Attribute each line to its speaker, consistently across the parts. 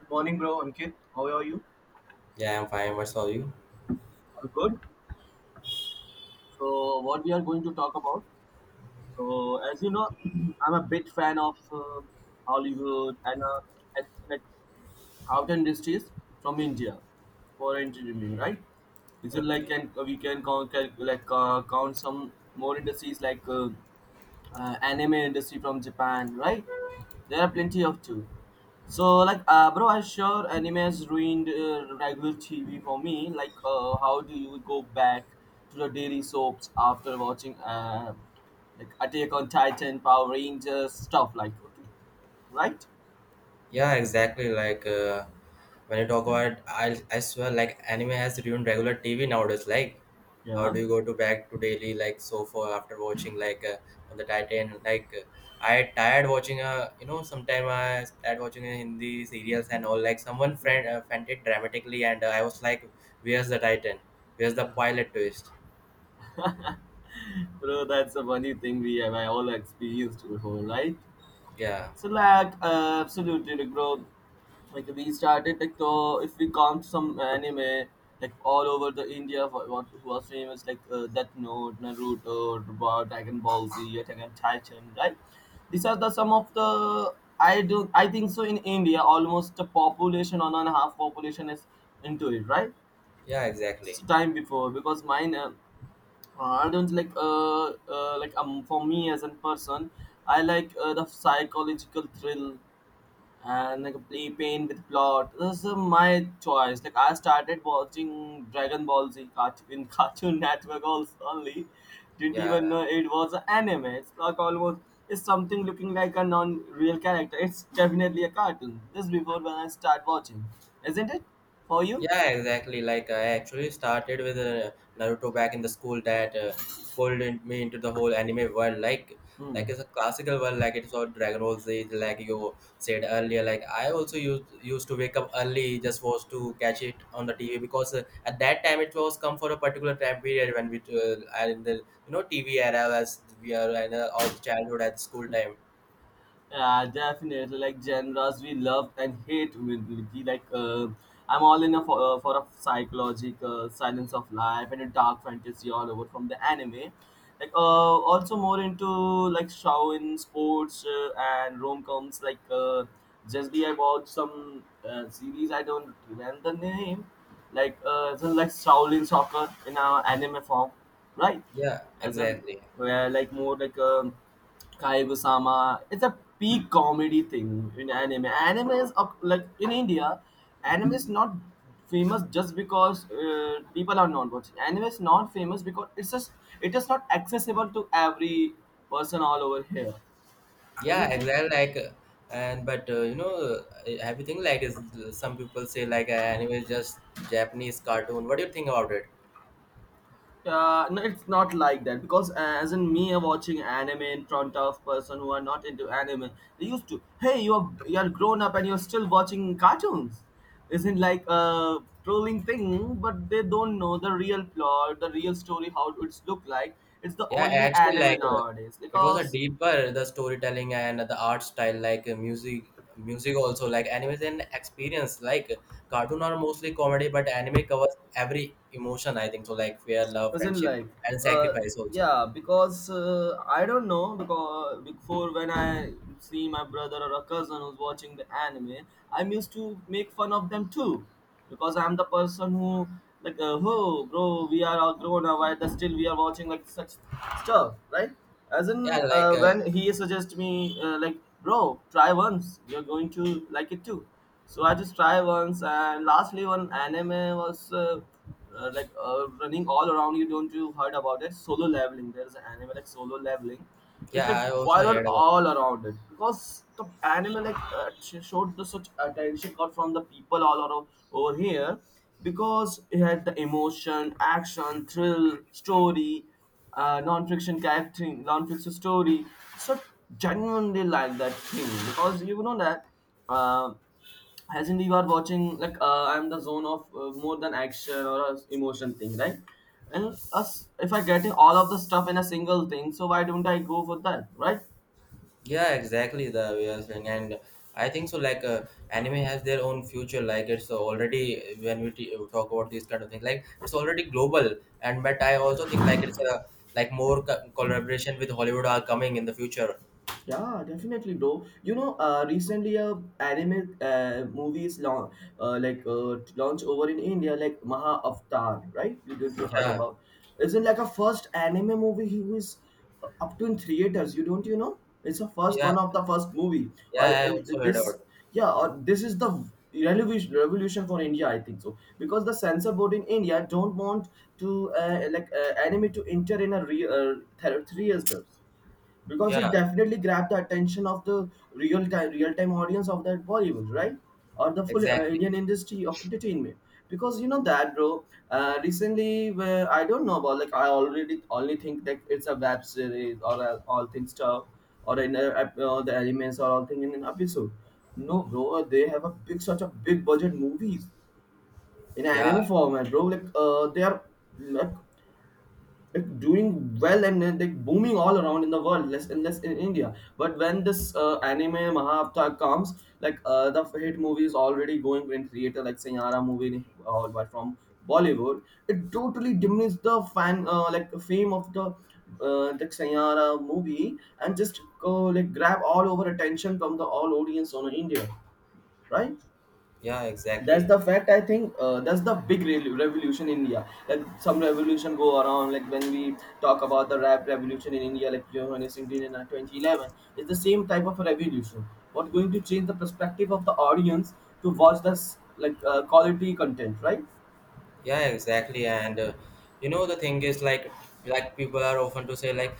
Speaker 1: Good morning, bro. Ankit, how are you?
Speaker 2: Yeah, I'm fine. What's all you?
Speaker 1: I'm good. So, what we are going to talk about? So, as you know, I'm a big fan of Hollywood and at, like out industries from India for entertainment, right? Is it like
Speaker 2: Okay.
Speaker 1: can we can count can, like count some more industries like anime industry from Japan, right? There are plenty of too. So like, bro, I'm sure anime has ruined regular TV for me. Like, how do you go back to the daily soaps after watching like Attack on Titan, Power Rangers stuff? Like, okay, right?
Speaker 2: Yeah, exactly. Like when you talk about, I swear, like anime has ruined regular TV nowadays. Like, how
Speaker 1: Yeah,
Speaker 2: do you go to back to daily like so far after watching like on the Titan? Like, I tired watching sometime I tired watching Hindi serials and all. Like someone friend fainted dramatically, and I was like, where's the Titan? Where's the
Speaker 1: yeah,
Speaker 2: pilot twist?
Speaker 1: bro, that's a funny thing we have I all experienced before, right?
Speaker 2: Yeah.
Speaker 1: So like absolutely like bro, like we started like though if we count some anime like all over the India who are famous like Death Note, Naruto, Dragon Ball Z, Attack on Titan, right? These are the some of the I think so in India almost the population one and a half population is into it, right?
Speaker 2: Yeah.
Speaker 1: It's
Speaker 2: Exactly.
Speaker 1: time before because mine I don't like for me as a person I like the psychological thrill and like play pain with plot. This is my choice. Like I started watching Dragon Ball Z in Cartoon Network also only. Didn't even
Speaker 2: Yeah.
Speaker 1: know it was an anime. It's like almost it's something looking like a non-real character. It's definitely a cartoon. Just before when I start watching, isn't it? For you?
Speaker 2: Yeah, exactly. Like I actually started with Naruto back in the school that pulled in, me into the whole anime world. Like,
Speaker 1: Hmm.
Speaker 2: like it's a classical world. Like it's all Dragon Ball Z. Like you said earlier. Like I also used to wake up early just was to catch it on the TV because at that time it was come for a particular time period when we are in the TV era as we are in our childhood at school time.
Speaker 1: Yeah, definitely. Like genres we love and hate will be like I'm all in a for a psychological silence of life and a dark fantasy all over from the anime. Like also more into like shouin sports and rom coms. Like just be about some series I don't remember the name. Like so like Shaolin Soccer in our anime form, right?
Speaker 2: Yeah,
Speaker 1: As in
Speaker 2: exactly.
Speaker 1: where like more like Kaiguya-sama. It's a peak comedy thing in anime. Anime is up, like in India, anime is not famous just because people are not watching. Anime is not famous because it's just it is not accessible to every person all over here,
Speaker 2: Yeah,
Speaker 1: isn't it?
Speaker 2: exactly. Like, and but everything like is, some people say like anime is just Japanese cartoon. What do you think about it?
Speaker 1: No, it's not like that because as in me watching anime in front of person who are not into anime, they used to, hey, you are grown up and you're still watching cartoons. Isn't like a trolling thing, but they don't know the real plot, the real story, how it's look like. It's the
Speaker 2: Yeah,
Speaker 1: only
Speaker 2: actually,
Speaker 1: anime
Speaker 2: like
Speaker 1: nowadays
Speaker 2: it was a
Speaker 1: because
Speaker 2: deeper the storytelling and the art style, like music also, like anime is an experience. Like cartoon are mostly comedy, but anime covers every emotion. I think so, like fear, love,
Speaker 1: was in
Speaker 2: friendship,
Speaker 1: life
Speaker 2: and
Speaker 1: uh
Speaker 2: sacrifice also.
Speaker 1: yeah because I don't know because before when I see my brother or a cousin who's watching the anime I'm used to make fun of them too because I'm the person who like oh bro we are all grown up why the still we are watching like such stuff right as
Speaker 2: Yeah,
Speaker 1: in
Speaker 2: like
Speaker 1: when he suggests me like bro try once you're going to like it too. So I just try once and lastly one anime was running all around you don't you heard about it solo leveling there's an anime like solo leveling it's
Speaker 2: yeah,
Speaker 1: like
Speaker 2: I also
Speaker 1: viral
Speaker 2: heard about it.
Speaker 1: all around it because the anime like showed the such attention got from the people all around over here because it had the emotion action thrill story non-fiction character non-fiction story so genuinely like that thing because you know that um as in you are watching like I'm the zone of more than action or a emotion thing right and us if I getting all of the stuff in a single thing so why don't I go for that right?
Speaker 2: Yeah, exactly the way you're saying, and I think so. Like, anime has their own future. Like, it's already, when we talk about these kind of things, like it's already global. And but I also think like it's a, like more collaboration with Hollywood are coming in the future.
Speaker 1: Yeah, definitely, bro. You know, recently a anime movies launch launch over in India, like Maha Avatar, right? You don't you heard
Speaker 2: Yeah,
Speaker 1: about? Isn't like a first anime movie who is up to in theaters. You don't you know? It's the first
Speaker 2: yeah,
Speaker 1: one of the first movie, or
Speaker 2: yeah. I
Speaker 1: and
Speaker 2: also heard
Speaker 1: this
Speaker 2: about it.
Speaker 1: yeah, or this is the revolution for India, I think so, because the censor board in India don't want to anime to enter in a theaters because
Speaker 2: Yeah,
Speaker 1: it definitely grabbed the attention of the real time audience of that Bollywood, right? Or the full
Speaker 2: exactly.
Speaker 1: Indian industry of entertainment. Because you know that, bro. Recently, where I don't know about like I already only think that it's a web series or a, all things stuff or in a, the elements or all thing in an episode. No, bro, they have a big such a big budget movies in
Speaker 2: Yeah,
Speaker 1: anime format, bro. Like they are like it doing well and like booming all around in the world less and less in India but when this anime mahabharata comes like the hit movie is already going in theater like sayara movie all by from Bollywood it totally diminishes the fan like fame of the sayara movie and just go like grab all over attention from the all audience on India, right?
Speaker 2: yeah,
Speaker 1: That's
Speaker 2: exactly.
Speaker 1: the fact I think that's the big revolution in India like some revolution go around like when we talk about the rap revolution in India like johannes Singh in 2011. It's the same type of a revolution what going to change the perspective of the audience to watch this like quality content, right?
Speaker 2: Yeah, exactly. And you know the thing is like people are often to say, like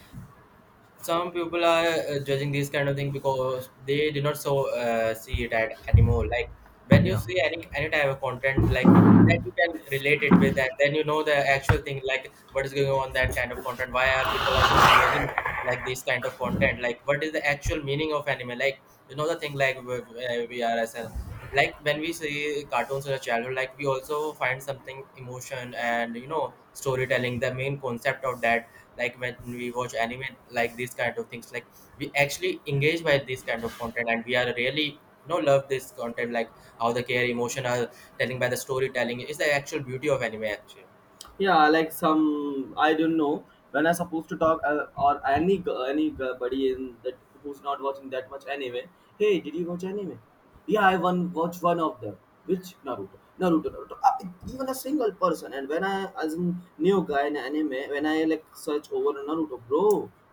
Speaker 2: some people are judging these kind of thing because they do not so see it at anymore, like when you
Speaker 1: Yeah.
Speaker 2: see any type of content, like that you can relate it with that. Then you know the actual thing, like what is going on, that kind of content, why are people are so engaging like this kind of content, like what is the actual meaning of anime, like you know the thing, like we are as a, like when we see cartoons in a childhood, like we also find something emotion and storytelling, the main concept of that. Like when we watch anime, like these kind of things, like we actually engage by this kind of content, and we are really love this content, like how the care emotion are telling by the storytelling is the actual beauty of anime actually.
Speaker 1: Yeah like some I don't know when I supposed to talk or any anybody in that who's not watching that much anime hey did you watch anime yeah I one watch one of them which naruto even a single person and when I as a new guy in anime when I like search over naruto bro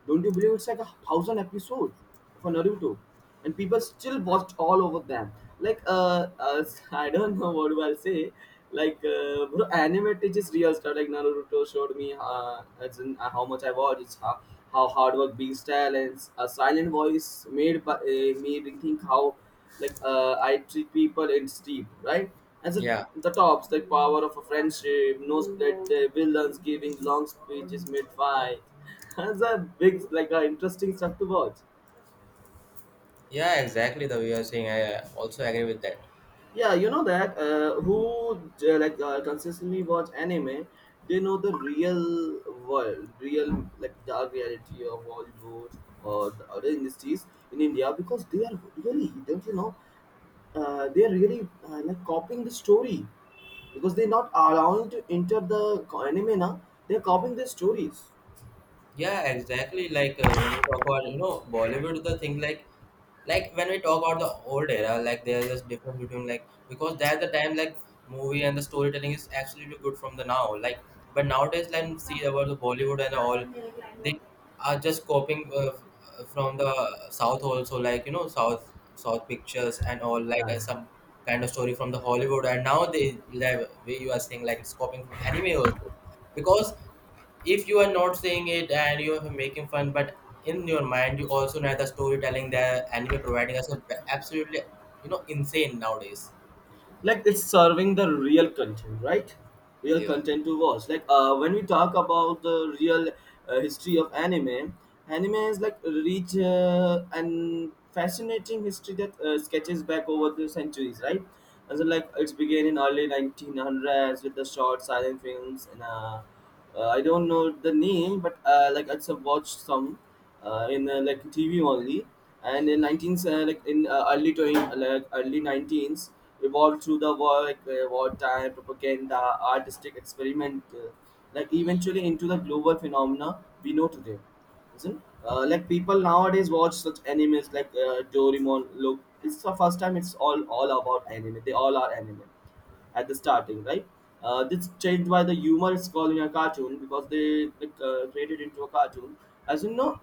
Speaker 1: don't you believe it's like a thousand episodes for Naruto, and people still watched all over them. Like I don't know what do I say. Like bro, anime teaches real stuff. Like Naruto showed me as in, how much I watched. It's how hard work beats talents. A silent voice made by, me rethink how like I treat people. It's deep, right? As a
Speaker 2: Yeah,
Speaker 1: the tops, like power of a friendship, no split the villains giving long speeches mid fight. That's a big, like, interesting stuff to watch.
Speaker 2: yeah, exactly the way you're saying. I also agree with that.
Speaker 1: Yeah, you know that who consistently watch anime, they know the real world, real like dark reality of Hollywood or the other industries in India because they are really don't you know they are really like copying the story because they're not allowing to enter the anime now. They're copying the stories.
Speaker 2: Yeah, exactly. Like when we talk about Bollywood, the thing, like when we talk about the old era, like there's this difference between, like because that's the time, like movie and the storytelling is absolutely good from the now. Like but nowadays, like see about the Bollywood and all, they are just copying from the South also. Like South pictures and all, like
Speaker 1: Yeah,
Speaker 2: some kind of story from the Hollywood, and now they, like, way you are saying like it's copying from anime also, because if you are not saying it and you are making fun, but in your mind you also know the storytelling that anime providing us is absolutely insane nowadays.
Speaker 1: like it's serving the real content right real
Speaker 2: Yeah.
Speaker 1: content to watch like when we talk about the real history of anime anime is like rich and fascinating history that sketches back over the centuries right and so like it's began in early 1900s with the short silent films and I don't know the name, but like I just have watched some in like TV only. And in 19s, like in early 20, like early 19s, evolved through the war, like wartime propaganda, artistic experiment, like eventually into the global phenomena we know today. Isn't like people nowadays watch such animes like Doraemon. Look, it's the first time it's all about anime. They all are anime at the starting, right? This changed by the humor is called in a cartoon because they like, created into a cartoon. As you know,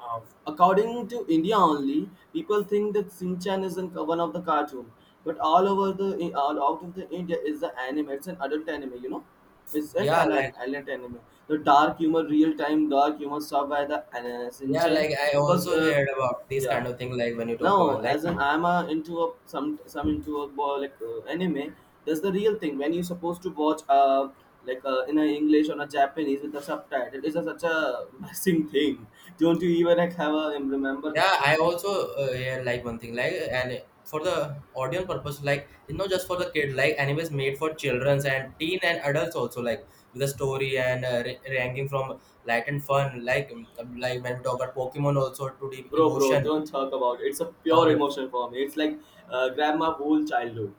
Speaker 1: uh, according to India only, people think that Sinchan is in one of the cartoon, but all over the all out of the India is the anime. It's an adult anime, you know. It's an
Speaker 2: Yeah,
Speaker 1: an
Speaker 2: like
Speaker 1: adult anime. The dark humor, real time dark humor stuff by the
Speaker 2: yeah,
Speaker 1: Sinchan
Speaker 2: like I
Speaker 1: because
Speaker 2: also heard about this kind
Speaker 1: yeah
Speaker 2: of thing. Like when you talk
Speaker 1: now,
Speaker 2: about, like
Speaker 1: as an I'm a, into a some into a anime. That's the real thing. When you're supposed to watch like in a English or a Japanese with the subtitle, it's a, such a messing thing. Don't you even like, have a remember,
Speaker 2: yeah, I also yeah, like one thing, like, and for the audience purpose, like it's not just for the kid, like anime is made for childrens and teen and adults also, like with a story and ranking from light and fun, like when we talk about Pokemon also, to deep
Speaker 1: bro, bro?
Speaker 2: emotion
Speaker 1: Don't talk about it. It's a pure
Speaker 2: or
Speaker 1: emotion for me. It's like grandma whole childhood.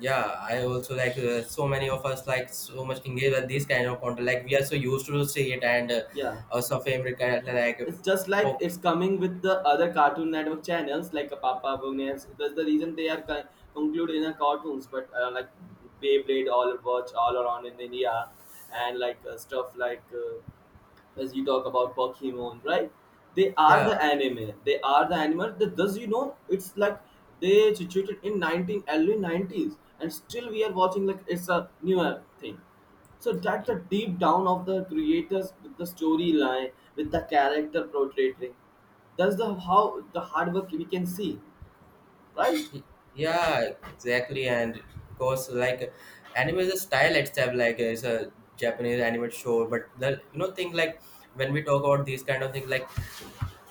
Speaker 2: yeah. I also like so many of us, like so much engaged with these kind of content, like we are so used to see it, and
Speaker 1: Yeah.
Speaker 2: also favorite kind of, like
Speaker 1: It's just like
Speaker 2: po-
Speaker 1: it's coming with the other Cartoon Network channels like a Papa Bonus. That's the reason they are concluded in a cartoons, but like Beyblade all watch all around in India, and like stuff like. As you talk about Pokemon, right? They are the
Speaker 2: yeah.
Speaker 1: anime. They are the animal. That does it's like they situated in 19 early 90s, and still we are watching like it's a newer thing. So that the deep down of the creators with the storyline, with the character portraying, that's the how the hard work we can see, right?
Speaker 2: Yeah, exactly. And because like anime is a style itself, like it's a Japanese animated show. But the thing, like when we talk about these kind of things, like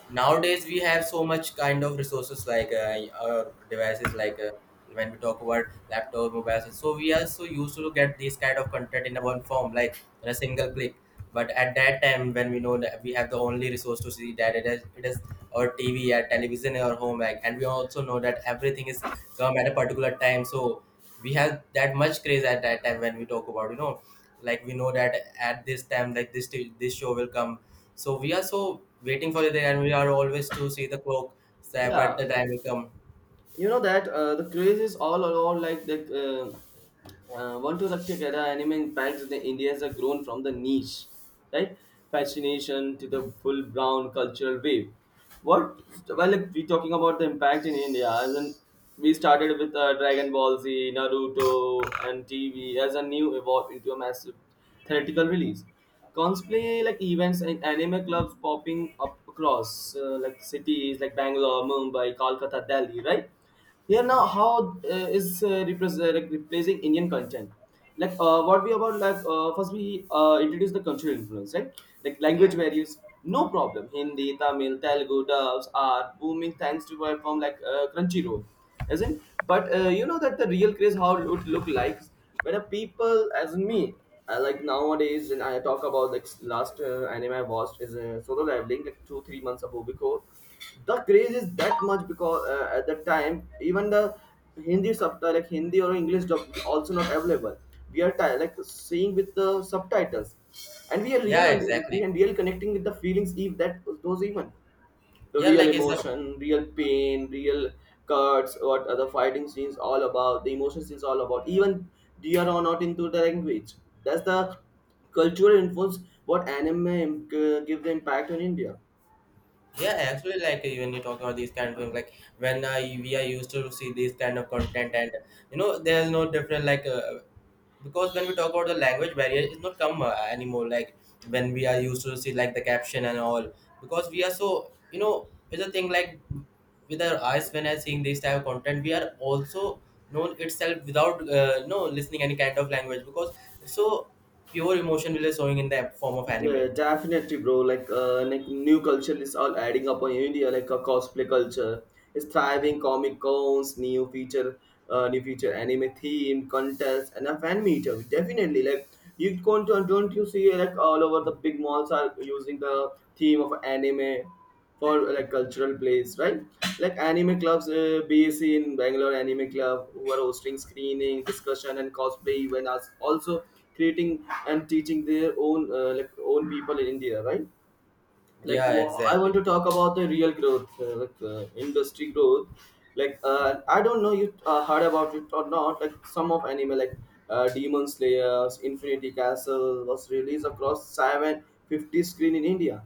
Speaker 2: nowadays we have so much kind of resources, like our devices, like when we talk about laptop mobiles, so we are so used to get this kind of content in a one form, like in a single click. But at that time, when we know that we have the only resource to see that, it is our TV, our television, in our home, like, and we also know that everything is come at a particular time, so we have that much craze at that time when we talk about, like we know that at this time, like this show will come, so we are so waiting for it and we are always to see the clock, so but
Speaker 1: Yeah.
Speaker 2: the time will come.
Speaker 1: You know that the craze is all around like the one to the Kerala anime impacts in India has grown from the niche, right? Fascination to the full brown cultural wave. What well, if we talking about the impact in India, as in we started with Dragon Ball Z, Naruto, and TV as a new evolve into a massive theatrical release. Cosplay like events and anime clubs popping up across like cities like Bangalore, Mumbai, Kolkata, Delhi, right? Here now, how is like replacing Indian content? Like what we about like first we introduce the cultural influence, right? Like
Speaker 2: Yeah.
Speaker 1: language barriers, no problem. Hindi, Tamil, Telugu dubs are booming thanks to platform like Crunchyroll as in but that the real craze how it would look like when a people as me like nowadays and I talk about the last anime I watched is solo leveling like 2 3 months ago because the craze is that much because at that time even the hindi subtitle like hindi or english dub also not available we are like seeing with the subtitles and we are real
Speaker 2: Yeah,
Speaker 1: we
Speaker 2: exactly.
Speaker 1: are real connecting with the feelings if that those even the
Speaker 2: Yeah,
Speaker 1: real
Speaker 2: like it's a
Speaker 1: emotion, real pain, real cuts, what are the fighting scenes all about, the emotion scenes all about. Even they are not into the language. That's the cultural influence what anime give the impact on India.
Speaker 2: yeah, actually, like when you talk about these kind of things, like when we are used to see these kind of content, and there's no different, like because when we talk about the language barrier, it's not come anymore, like when we are used to see like the caption and all, because we are so it's a thing, like with our eyes when I seeing this type of content, we are also known itself without no listening any kind of language, because it's so pure emotion will be showing in the form of anime.
Speaker 1: Yeah, definitely, bro. Like new culture is all adding up on India. Like a cosplay culture is thriving. Comic cons, new feature anime themed contests, and a fan meet. Definitely, like you can don't you see like all over the big malls are using the theme of anime for like cultural plays, right? Like anime clubs, bac in bangalore anime club who are hosting screening discussion and cosplay events also, creating and teaching their own like own people in india, right? Like
Speaker 2: Yeah,
Speaker 1: I want
Speaker 2: exactly.
Speaker 1: to talk about the real growth, industry growth. Like I don't know you heard about it or not, like some of anime like demon slayers infinity castle was released across 750 screen in india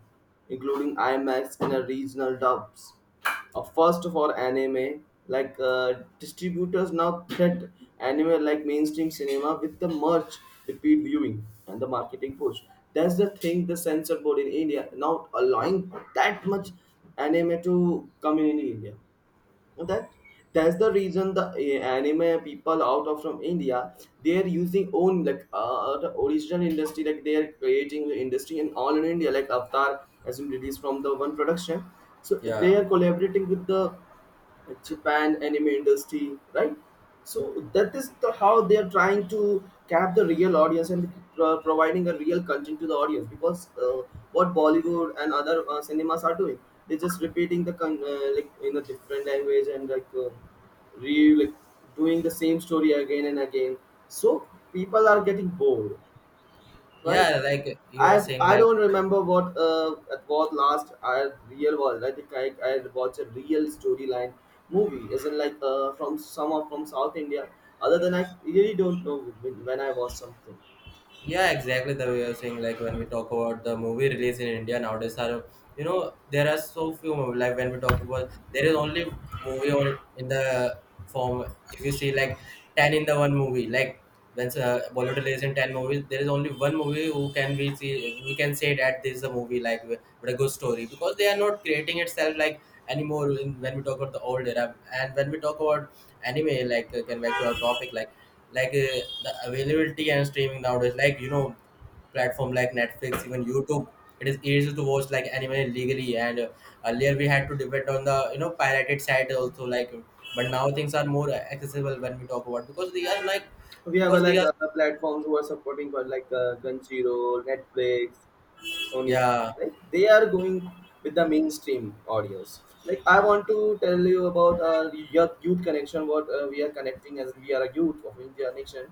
Speaker 1: including imax and a regional dubs, a first for anime, like distributors now threat anime like mainstream cinema with the merch, repeat viewing, and the marketing push. That's the thing. The censor board in India not allowing that much anime to come in India, that that's the reason anime people out of from India, they are using own like the original industry, like they are creating the industry in all in India, like Avatar has been released from the one production. So they
Speaker 2: Yeah,
Speaker 1: are collaborating with the Japan anime industry, right? So that is the how they are trying to cap the real audience and providing a real content to the audience because what Bollywood and other cinemas are doing, they're just repeating like in a different language and like doing the same story again and again. So people are getting bored, right?
Speaker 2: yeah, like you are saying,
Speaker 1: I
Speaker 2: like
Speaker 1: don't remember what it was last I real was, I think I watched a real storyline movie, isn't like from some of from South India. Other than I really don't know when I watched something.
Speaker 2: yeah, exactly the way you're saying, like when we talk about the movie release in India nowadays, are, there are so few movies, like when we talk about, there is only movie on in the form, if you see like 10 in the one movie, like when bollywood release in 10 movies, there is only one movie who can we see. We can say that this is a movie, like with a good story, because they are not creating itself like anymore in, when we talk about the old era. And when we talk about anime, like can back to our topic, like like uh, the availability and streaming nowadays, like platform like Netflix, even YouTube. It is easy to watch like anime legally, and earlier we had to depend on the pirated site also, like. But now things are more accessible, when we talk about, because they are like,
Speaker 1: We have
Speaker 2: because they
Speaker 1: like
Speaker 2: are
Speaker 1: other platforms who are supporting for like Crunchyroll, Netflix, Sony.
Speaker 2: yeah,
Speaker 1: Like they are going with the mainstream audience. Like I want to tell you about our youth, youth connection. What we are connecting as we are a youth of India nation.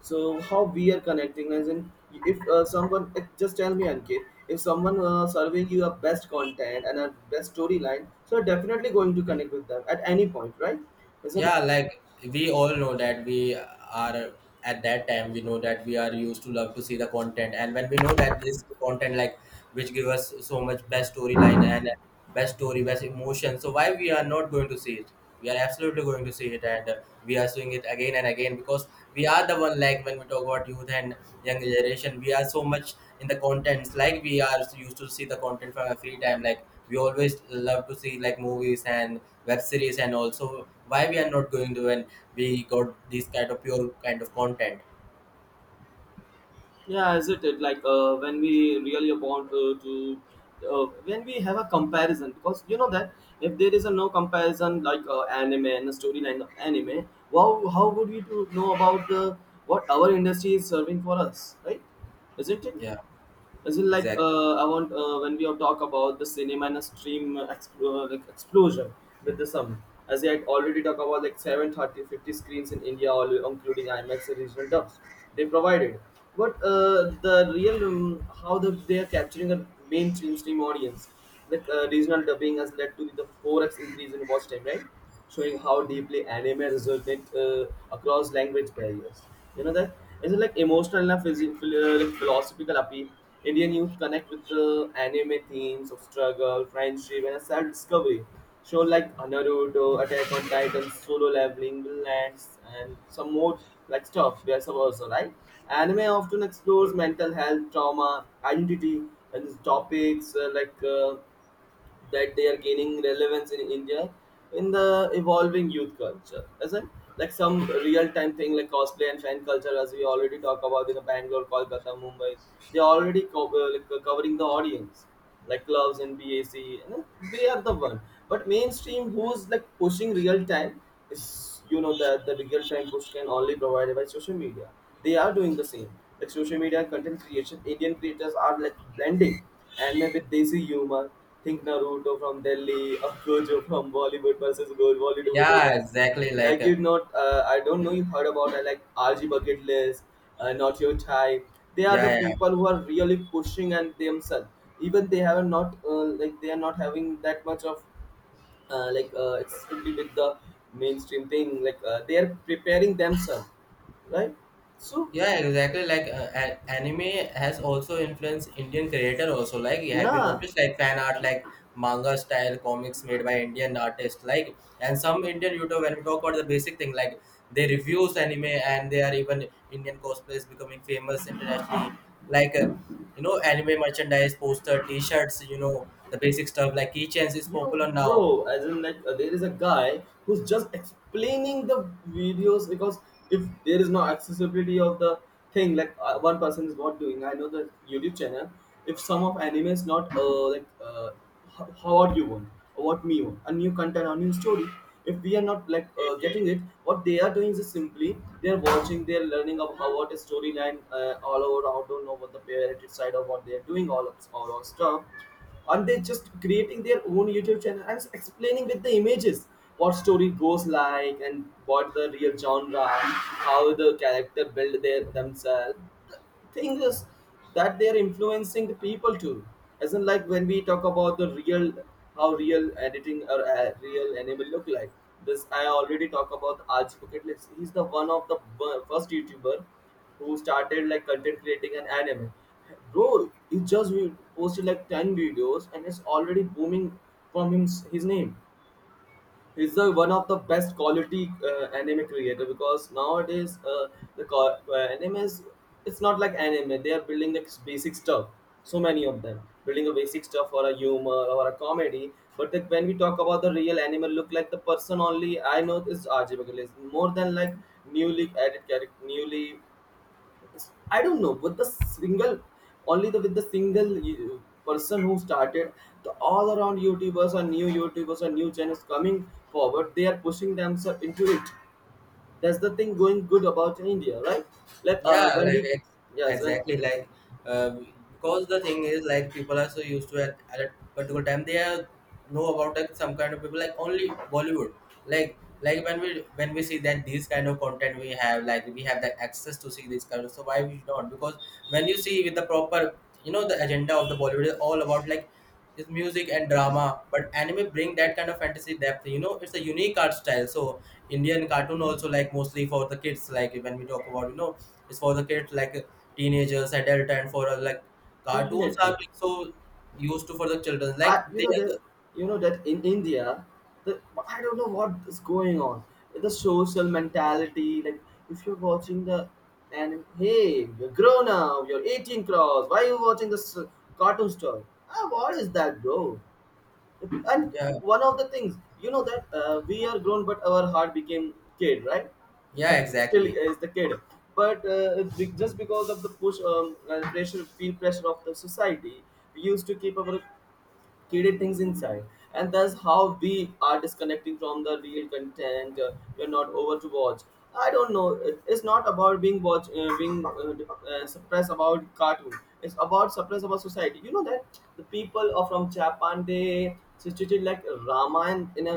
Speaker 1: So how we are connecting as in, if someone just tell me Ankit, if someone serving you a best content and a best storyline, so you're definitely going to connect with them at any point, right? Isn't,
Speaker 2: yeah. Like we all know that we are, at that time we know that we are used to love to see the content, and when we know that this content, like which give us so much best storyline and best story, best emotion, so why we are not going to see it? We are absolutely going to see it, and we are seeing it again and again, because we are the one, like when we talk about youth and young generation, we are so much in the contents, like we are used to see the content from our free time, like we always love to see like movies and web series, and also why we are not going to, when we got this kind of pure kind of content.
Speaker 1: yeah, isn't it like when we really want to when we have a comparison, because you know that if there is a no comparison like anime and a storyline of anime, wow, how would we to know about the what our industry is serving for us, right? Isn't it?
Speaker 2: Yeah,
Speaker 1: As in like
Speaker 2: exactly.
Speaker 1: I want when we all talk about the cinema and a stream like explosion with the sum, as I had already talked about like seven, 30, 50 screens in india, all including imax and regional dubs they provided. But the real how the, they are capturing a mainstream stream audience. Like regional dubbing has led to the 4x increase in watch time, right? Showing how deeply anime resonates across language barriers. You know that, is it like emotional and like philosophical appeal. Indian youth connect with the anime themes of struggle, friendship, and self discovery. Show like Naruto, Attack on Titan, Solo Leveling, Lands, and some more like stuff. There's also right. Anime often explores mental health, trauma, identity, and topics that they are gaining relevance in India in the evolving youth culture, isn't, like some real time thing like cosplay and fan culture, as we already talk about in the Bangalore, Kolkata, Mumbai, they are already covering the audience, like clubs and BAC, you know, they are the one. But mainstream, who's like pushing real time, is, you know that the real time push can only provided by social media. They are doing the same. Like social media and content creation, Indian creators are like blending and maybe desi humor. Think Naruto from Delhi or Gojo from Bollywood versus Bollywood
Speaker 2: Yeah,
Speaker 1: villains.
Speaker 2: exactly. Like
Speaker 1: Like you not, I don't know you heard about like RG Bucket List, Not Your Type. They are the
Speaker 2: yeah, yeah.
Speaker 1: people who are really pushing and themselves. Even they have not like they are not having that much of it's with the mainstream thing. Like they are preparing themselves, right? So,
Speaker 2: Yeah, exactly. Like anime has also influenced Indian creator also. Like, have you
Speaker 1: yeah.
Speaker 2: noticed like fan art, like manga style comics made by Indian artists, like, and some Indian YouTube. When we talk about the basic thing, like they reviews anime and they are even Indian cosplays becoming famous internationally. Like anime merchandise, poster, T-shirts. The basic stuff like keychains is
Speaker 1: Yo,
Speaker 2: popular now.
Speaker 1: bro, as in like there is a guy who's just explaining the videos, because if there is no accessibility of the thing, like one person is not doing. I know the YouTube channel. If some of anime is not how what you want or what me want, a new content, a new story. If we are not like getting it, what they are doing is simply they are watching, they are learning of how what is storyline all over. I don't know what the parent side of what they are doing, all of stuff. And they just creating their own youtube channel and explaining with the images what story goes like and what the real genre and how the character build their themselves. The thing is that they are influencing the people too, isn't, like when we talk about the real, how real editing or real animal look like. This I already talk about Aaj Bucket List. He's the one of the first youtuber who started like content creating an anime. Bro, he just posted like 10 videos and it's already booming from him, his name. He's the one of the best quality anime creator, because nowadays anime is, it's not like anime. They are building like basic stuff. So many of them building a basic stuff or a humor or a comedy. But like when we talk about the real anime, look like, the person only I know is RJ Bagale. It's more than like newly added character, newly, I don't know, with the single, only the with the single person who started, the all around YouTubers or new channels coming forward, they are pushing themselves into it. That's the thing going good about India, right? Like
Speaker 2: Yeah,
Speaker 1: when
Speaker 2: like
Speaker 1: we, yes,
Speaker 2: ex
Speaker 1: when,
Speaker 2: exactly like uh, because the thing is like people are so used to at a particular time they are know about like some kind of people like only Bollywood like like when we see that these kind of content we have like we have the access to see this kind of, so why we not? Because when you see with the proper, you know, the agenda of the Bollywood is all about like is music and drama, but anime bring that kind of fantasy depth, you know, it's a unique art style. So Indian cartoon also like mostly for the kids, like when we talk about, you know, it's for the kids like teenagers, adult, and for like cartoons are
Speaker 1: definitely.
Speaker 2: like, so used to for the children
Speaker 1: I,
Speaker 2: like
Speaker 1: you
Speaker 2: they.
Speaker 1: know that, you know that in India, the, I don't know what is going on. The social mentality, like if you're watching the, and hey, you're grown up, you're 18 cross. Why are you watching this cartoon story? Ah, what is that, bro? And
Speaker 2: Yeah.
Speaker 1: one of the things, you know that we are grown, but our heart became kid, right?
Speaker 2: Yeah,
Speaker 1: Still
Speaker 2: exactly.
Speaker 1: is the kid, but just because of the push, pressure, peer pressure of the society, we used to keep our hidden things inside, and that's how we are disconnecting from the real content we're not over to watch. I don't know, it's not about being watch, being suppressed about cartoon. It's about suppressed about society. You know that the people are from Japan, they situated like Raman in a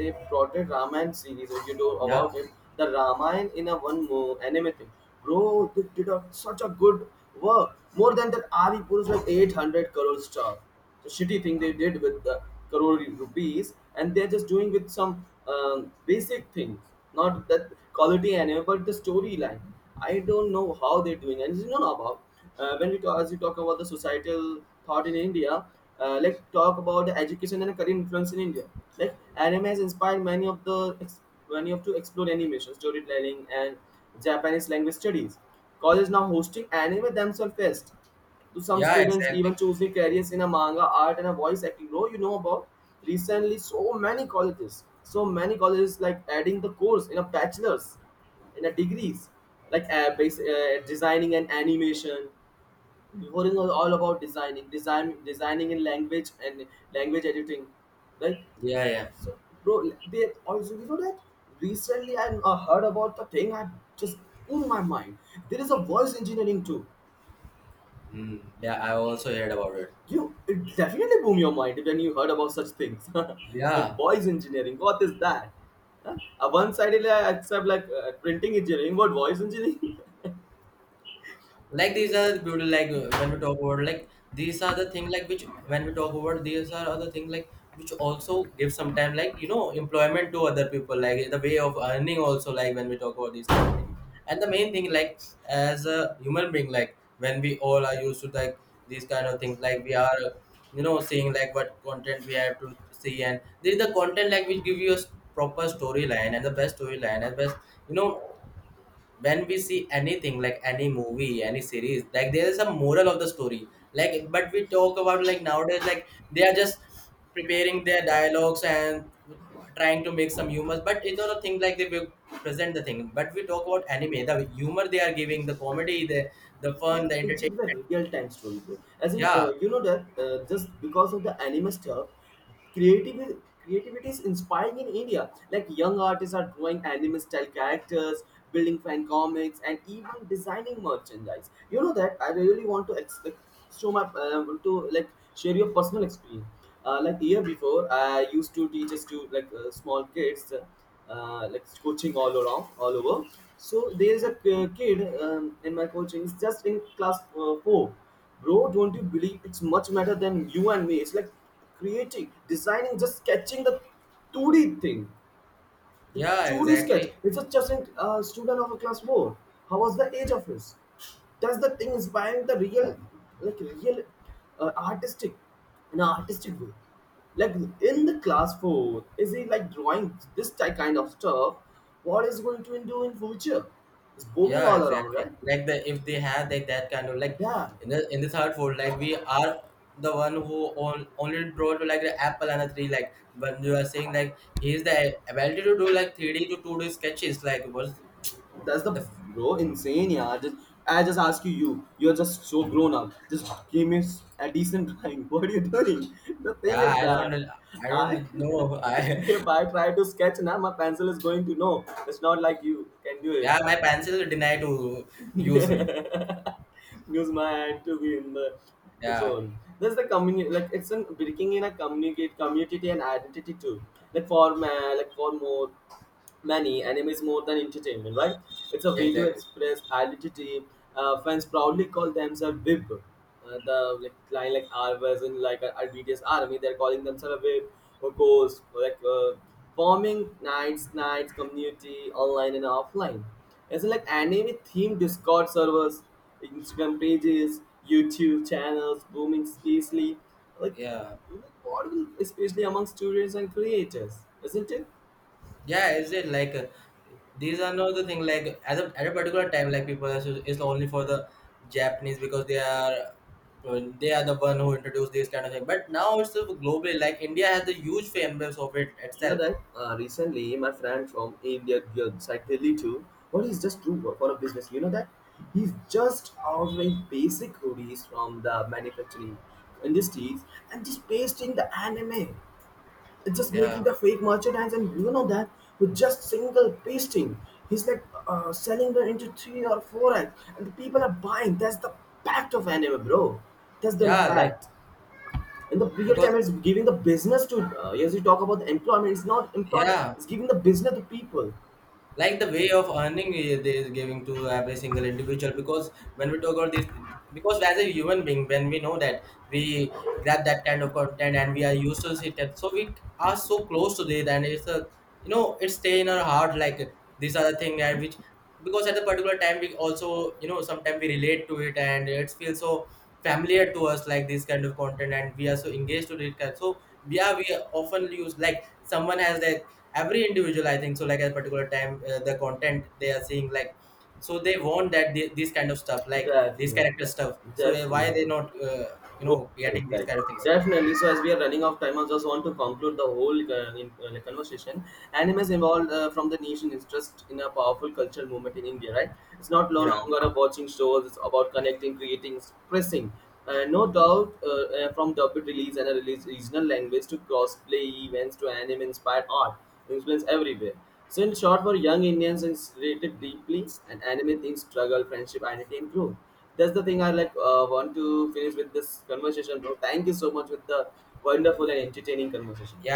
Speaker 1: they portrayed Raman series, if you know
Speaker 2: Yeah,
Speaker 1: about it. The Raman in a one anime thing. Bro, they did such a good work. More than that, ari put is like 800 crore stuff. Shitty thing they did with the crore rupees, and they're just doing with some basic things. Not that quality anime, but the storyline. I don't know how they're doing. And you know about, when we talk, as you talk about the societal thought in India, like talk about the education and career influence in India. Like anime has inspired many of to explore animation, storytelling, and Japanese language studies. College now hosting anime themselves fest, to some
Speaker 2: yeah,
Speaker 1: students even
Speaker 2: exactly.
Speaker 1: choosing careers in a manga art and a voice acting role, you know about. Recently, so many colleges like adding the course in a bachelor's in a degrees, like base, designing and animation. Before it was all about designing, designing in language and language editing, like.
Speaker 2: Yeah, yeah.
Speaker 1: So bro, they also, you know that recently I heard about the thing. I just blew my mind. There is a voice engineering too.
Speaker 2: Yeah, I also heard about it.
Speaker 1: You, it definitely blew your mind when you heard about such things, like
Speaker 2: Yeah,
Speaker 1: boys engineering. What is that? Huh? One sidedly I accept like printing engineering, but boys engineering.
Speaker 2: like these are the beauty, like when we talk about like these are the thing like which, when we talk about these are other thing like which also give some time, like you know, employment to other people, like the way of earning also, like when we talk about these kind of thing. And the main thing like as a human being, like when we all are used to like these kind of things, like we are, you know, seeing like what content we have to see, and this is the content like which give you a proper storyline and the best storyline and best, you know, when we see anything like any movie, any series, like there is a moral of the story. Like but we talk about like nowadays like they are just preparing their dialogues and trying to make some humor, but it's not a thing like they will present the thing. But we talk about anime, the humor they are giving, the comedy, the
Speaker 1: They
Speaker 2: fun, the
Speaker 1: pictured
Speaker 2: entertainment.
Speaker 1: the real time story, bro. As in
Speaker 2: Yeah.
Speaker 1: you know that just because of the anime stuff, creativity creativity is inspiring in India. Like young artists are drawing anime style characters, building fan comics, and even designing merchandise. You know that I really want to show my to like share your personal experience, like year before I used to teach us to like small kids like coaching all around all over. So there is a kid in my coaching, it's just in class 4. Bro, don't you believe it's much better than you and me? It's like creating, designing, just sketching the 2D thing,
Speaker 2: Yeah,
Speaker 1: 2D sketch.
Speaker 2: exactly.
Speaker 1: It's a just student of a class 4. How was the age of his? That's the thing inspiring the real, like real, artistic, in an artistic way. Like in the class 4, is he like drawing this type kind of stuff? What is going to do in future? It's booming
Speaker 2: Yeah,
Speaker 1: all around,
Speaker 2: exactly.
Speaker 1: right?
Speaker 2: Like the, if they have like that kind of like
Speaker 1: Yeah.
Speaker 2: in the third fold, like we are the one who on, only brought like the apple and a tree. Like when you are saying like he is the ability to do like three D to two D sketches. Like was
Speaker 1: That's the,
Speaker 2: the.
Speaker 1: bro, insane, yeah. Just, I just ask you, you're just so grown up. Just give me a decent time. What are you doing? The thing
Speaker 2: Yeah,
Speaker 1: is
Speaker 2: I don't
Speaker 1: that
Speaker 2: I
Speaker 1: I,
Speaker 2: don't know, I.
Speaker 1: if I try to sketch now, my pencil is going to, no. It's not like you can do it.
Speaker 2: Yeah, my pencil deny to use me.
Speaker 1: Newsman had to be in the
Speaker 2: Yeah,
Speaker 1: zone. There's the community, like it's an breaking in a communicate community and identity too. Like for like for more many, anime is more than entertainment, right? It's a way to
Speaker 2: exactly.
Speaker 1: express identity. Fans proudly call themselves VIB. The like line like RVS and like our BTS army, they're calling themselves a WIB or ghost, or like forming nights community online and offline. It's like anime themed Discord servers, Instagram pages, YouTube channels booming, especially like
Speaker 2: Yeah.
Speaker 1: what will, especially among students and creators, isn't it?
Speaker 2: Yeah, is it like these are not the thing like at at a particular time like people are, it's only for the Japanese because they are the one who introduced this kind of thing. But now it's globally, like India has a huge fan base of it
Speaker 1: You know
Speaker 2: itself.
Speaker 1: that recently my friend from India, side Delhi too, what is just true for a business. You know that he's just ordering basic hoodies from the manufacturing industries and just pasting the anime. It's just making
Speaker 2: Yeah.
Speaker 1: the fake merchandise, and you know that with just single pasting he's like selling them into three or four x, and the people are buying. That's the impact of anime, bro. That's the
Speaker 2: Yeah, like
Speaker 1: impact. In the real time,
Speaker 2: because
Speaker 1: it's giving the business to, as you talk about the employment, it's not employment,
Speaker 2: yeah,
Speaker 1: it's giving the business to people.
Speaker 2: like the way of earning, eh, they is giving to every single individual because when we talk about this, because as a human being when we know that we grab that kind of content and we are used to it, and so we are so close to it, and it's a, you know, it stay in our heart, like these are the thing. And which, because at a particular time we also, you know, sometimes we relate to it and it feels so familiar to us like this kind of content, and we are so engaged to it. So yeah, we often use like someone has that, every individual, I think so, like at a particular time the content they are seeing like, so they want that the, this kind of stuff like this
Speaker 1: Definitely,
Speaker 2: character stuff. So why
Speaker 1: definitely.
Speaker 2: are they not you know,
Speaker 1: Good,
Speaker 2: getting these
Speaker 1: right.
Speaker 2: kind of things?
Speaker 1: Definitely. So as we are running out of time, I just want to conclude the whole like, conversation. Anime is evolved, from the nation interest in a powerful cultural movement in India, right? It's not no
Speaker 2: Yeah,
Speaker 1: longer about watching shows. It's about connecting, creating, expressing. No doubt, from dub release and a release regional language to cross events to anime-inspired art, influence everywhere. So in short, for young Indians, it's related deeply, and anime things struggle, friendship, identity, and growth. That's the thing I like, want to finish with this conversation. Bro, thank you so much with the wonderful and entertaining conversation.
Speaker 2: yeah.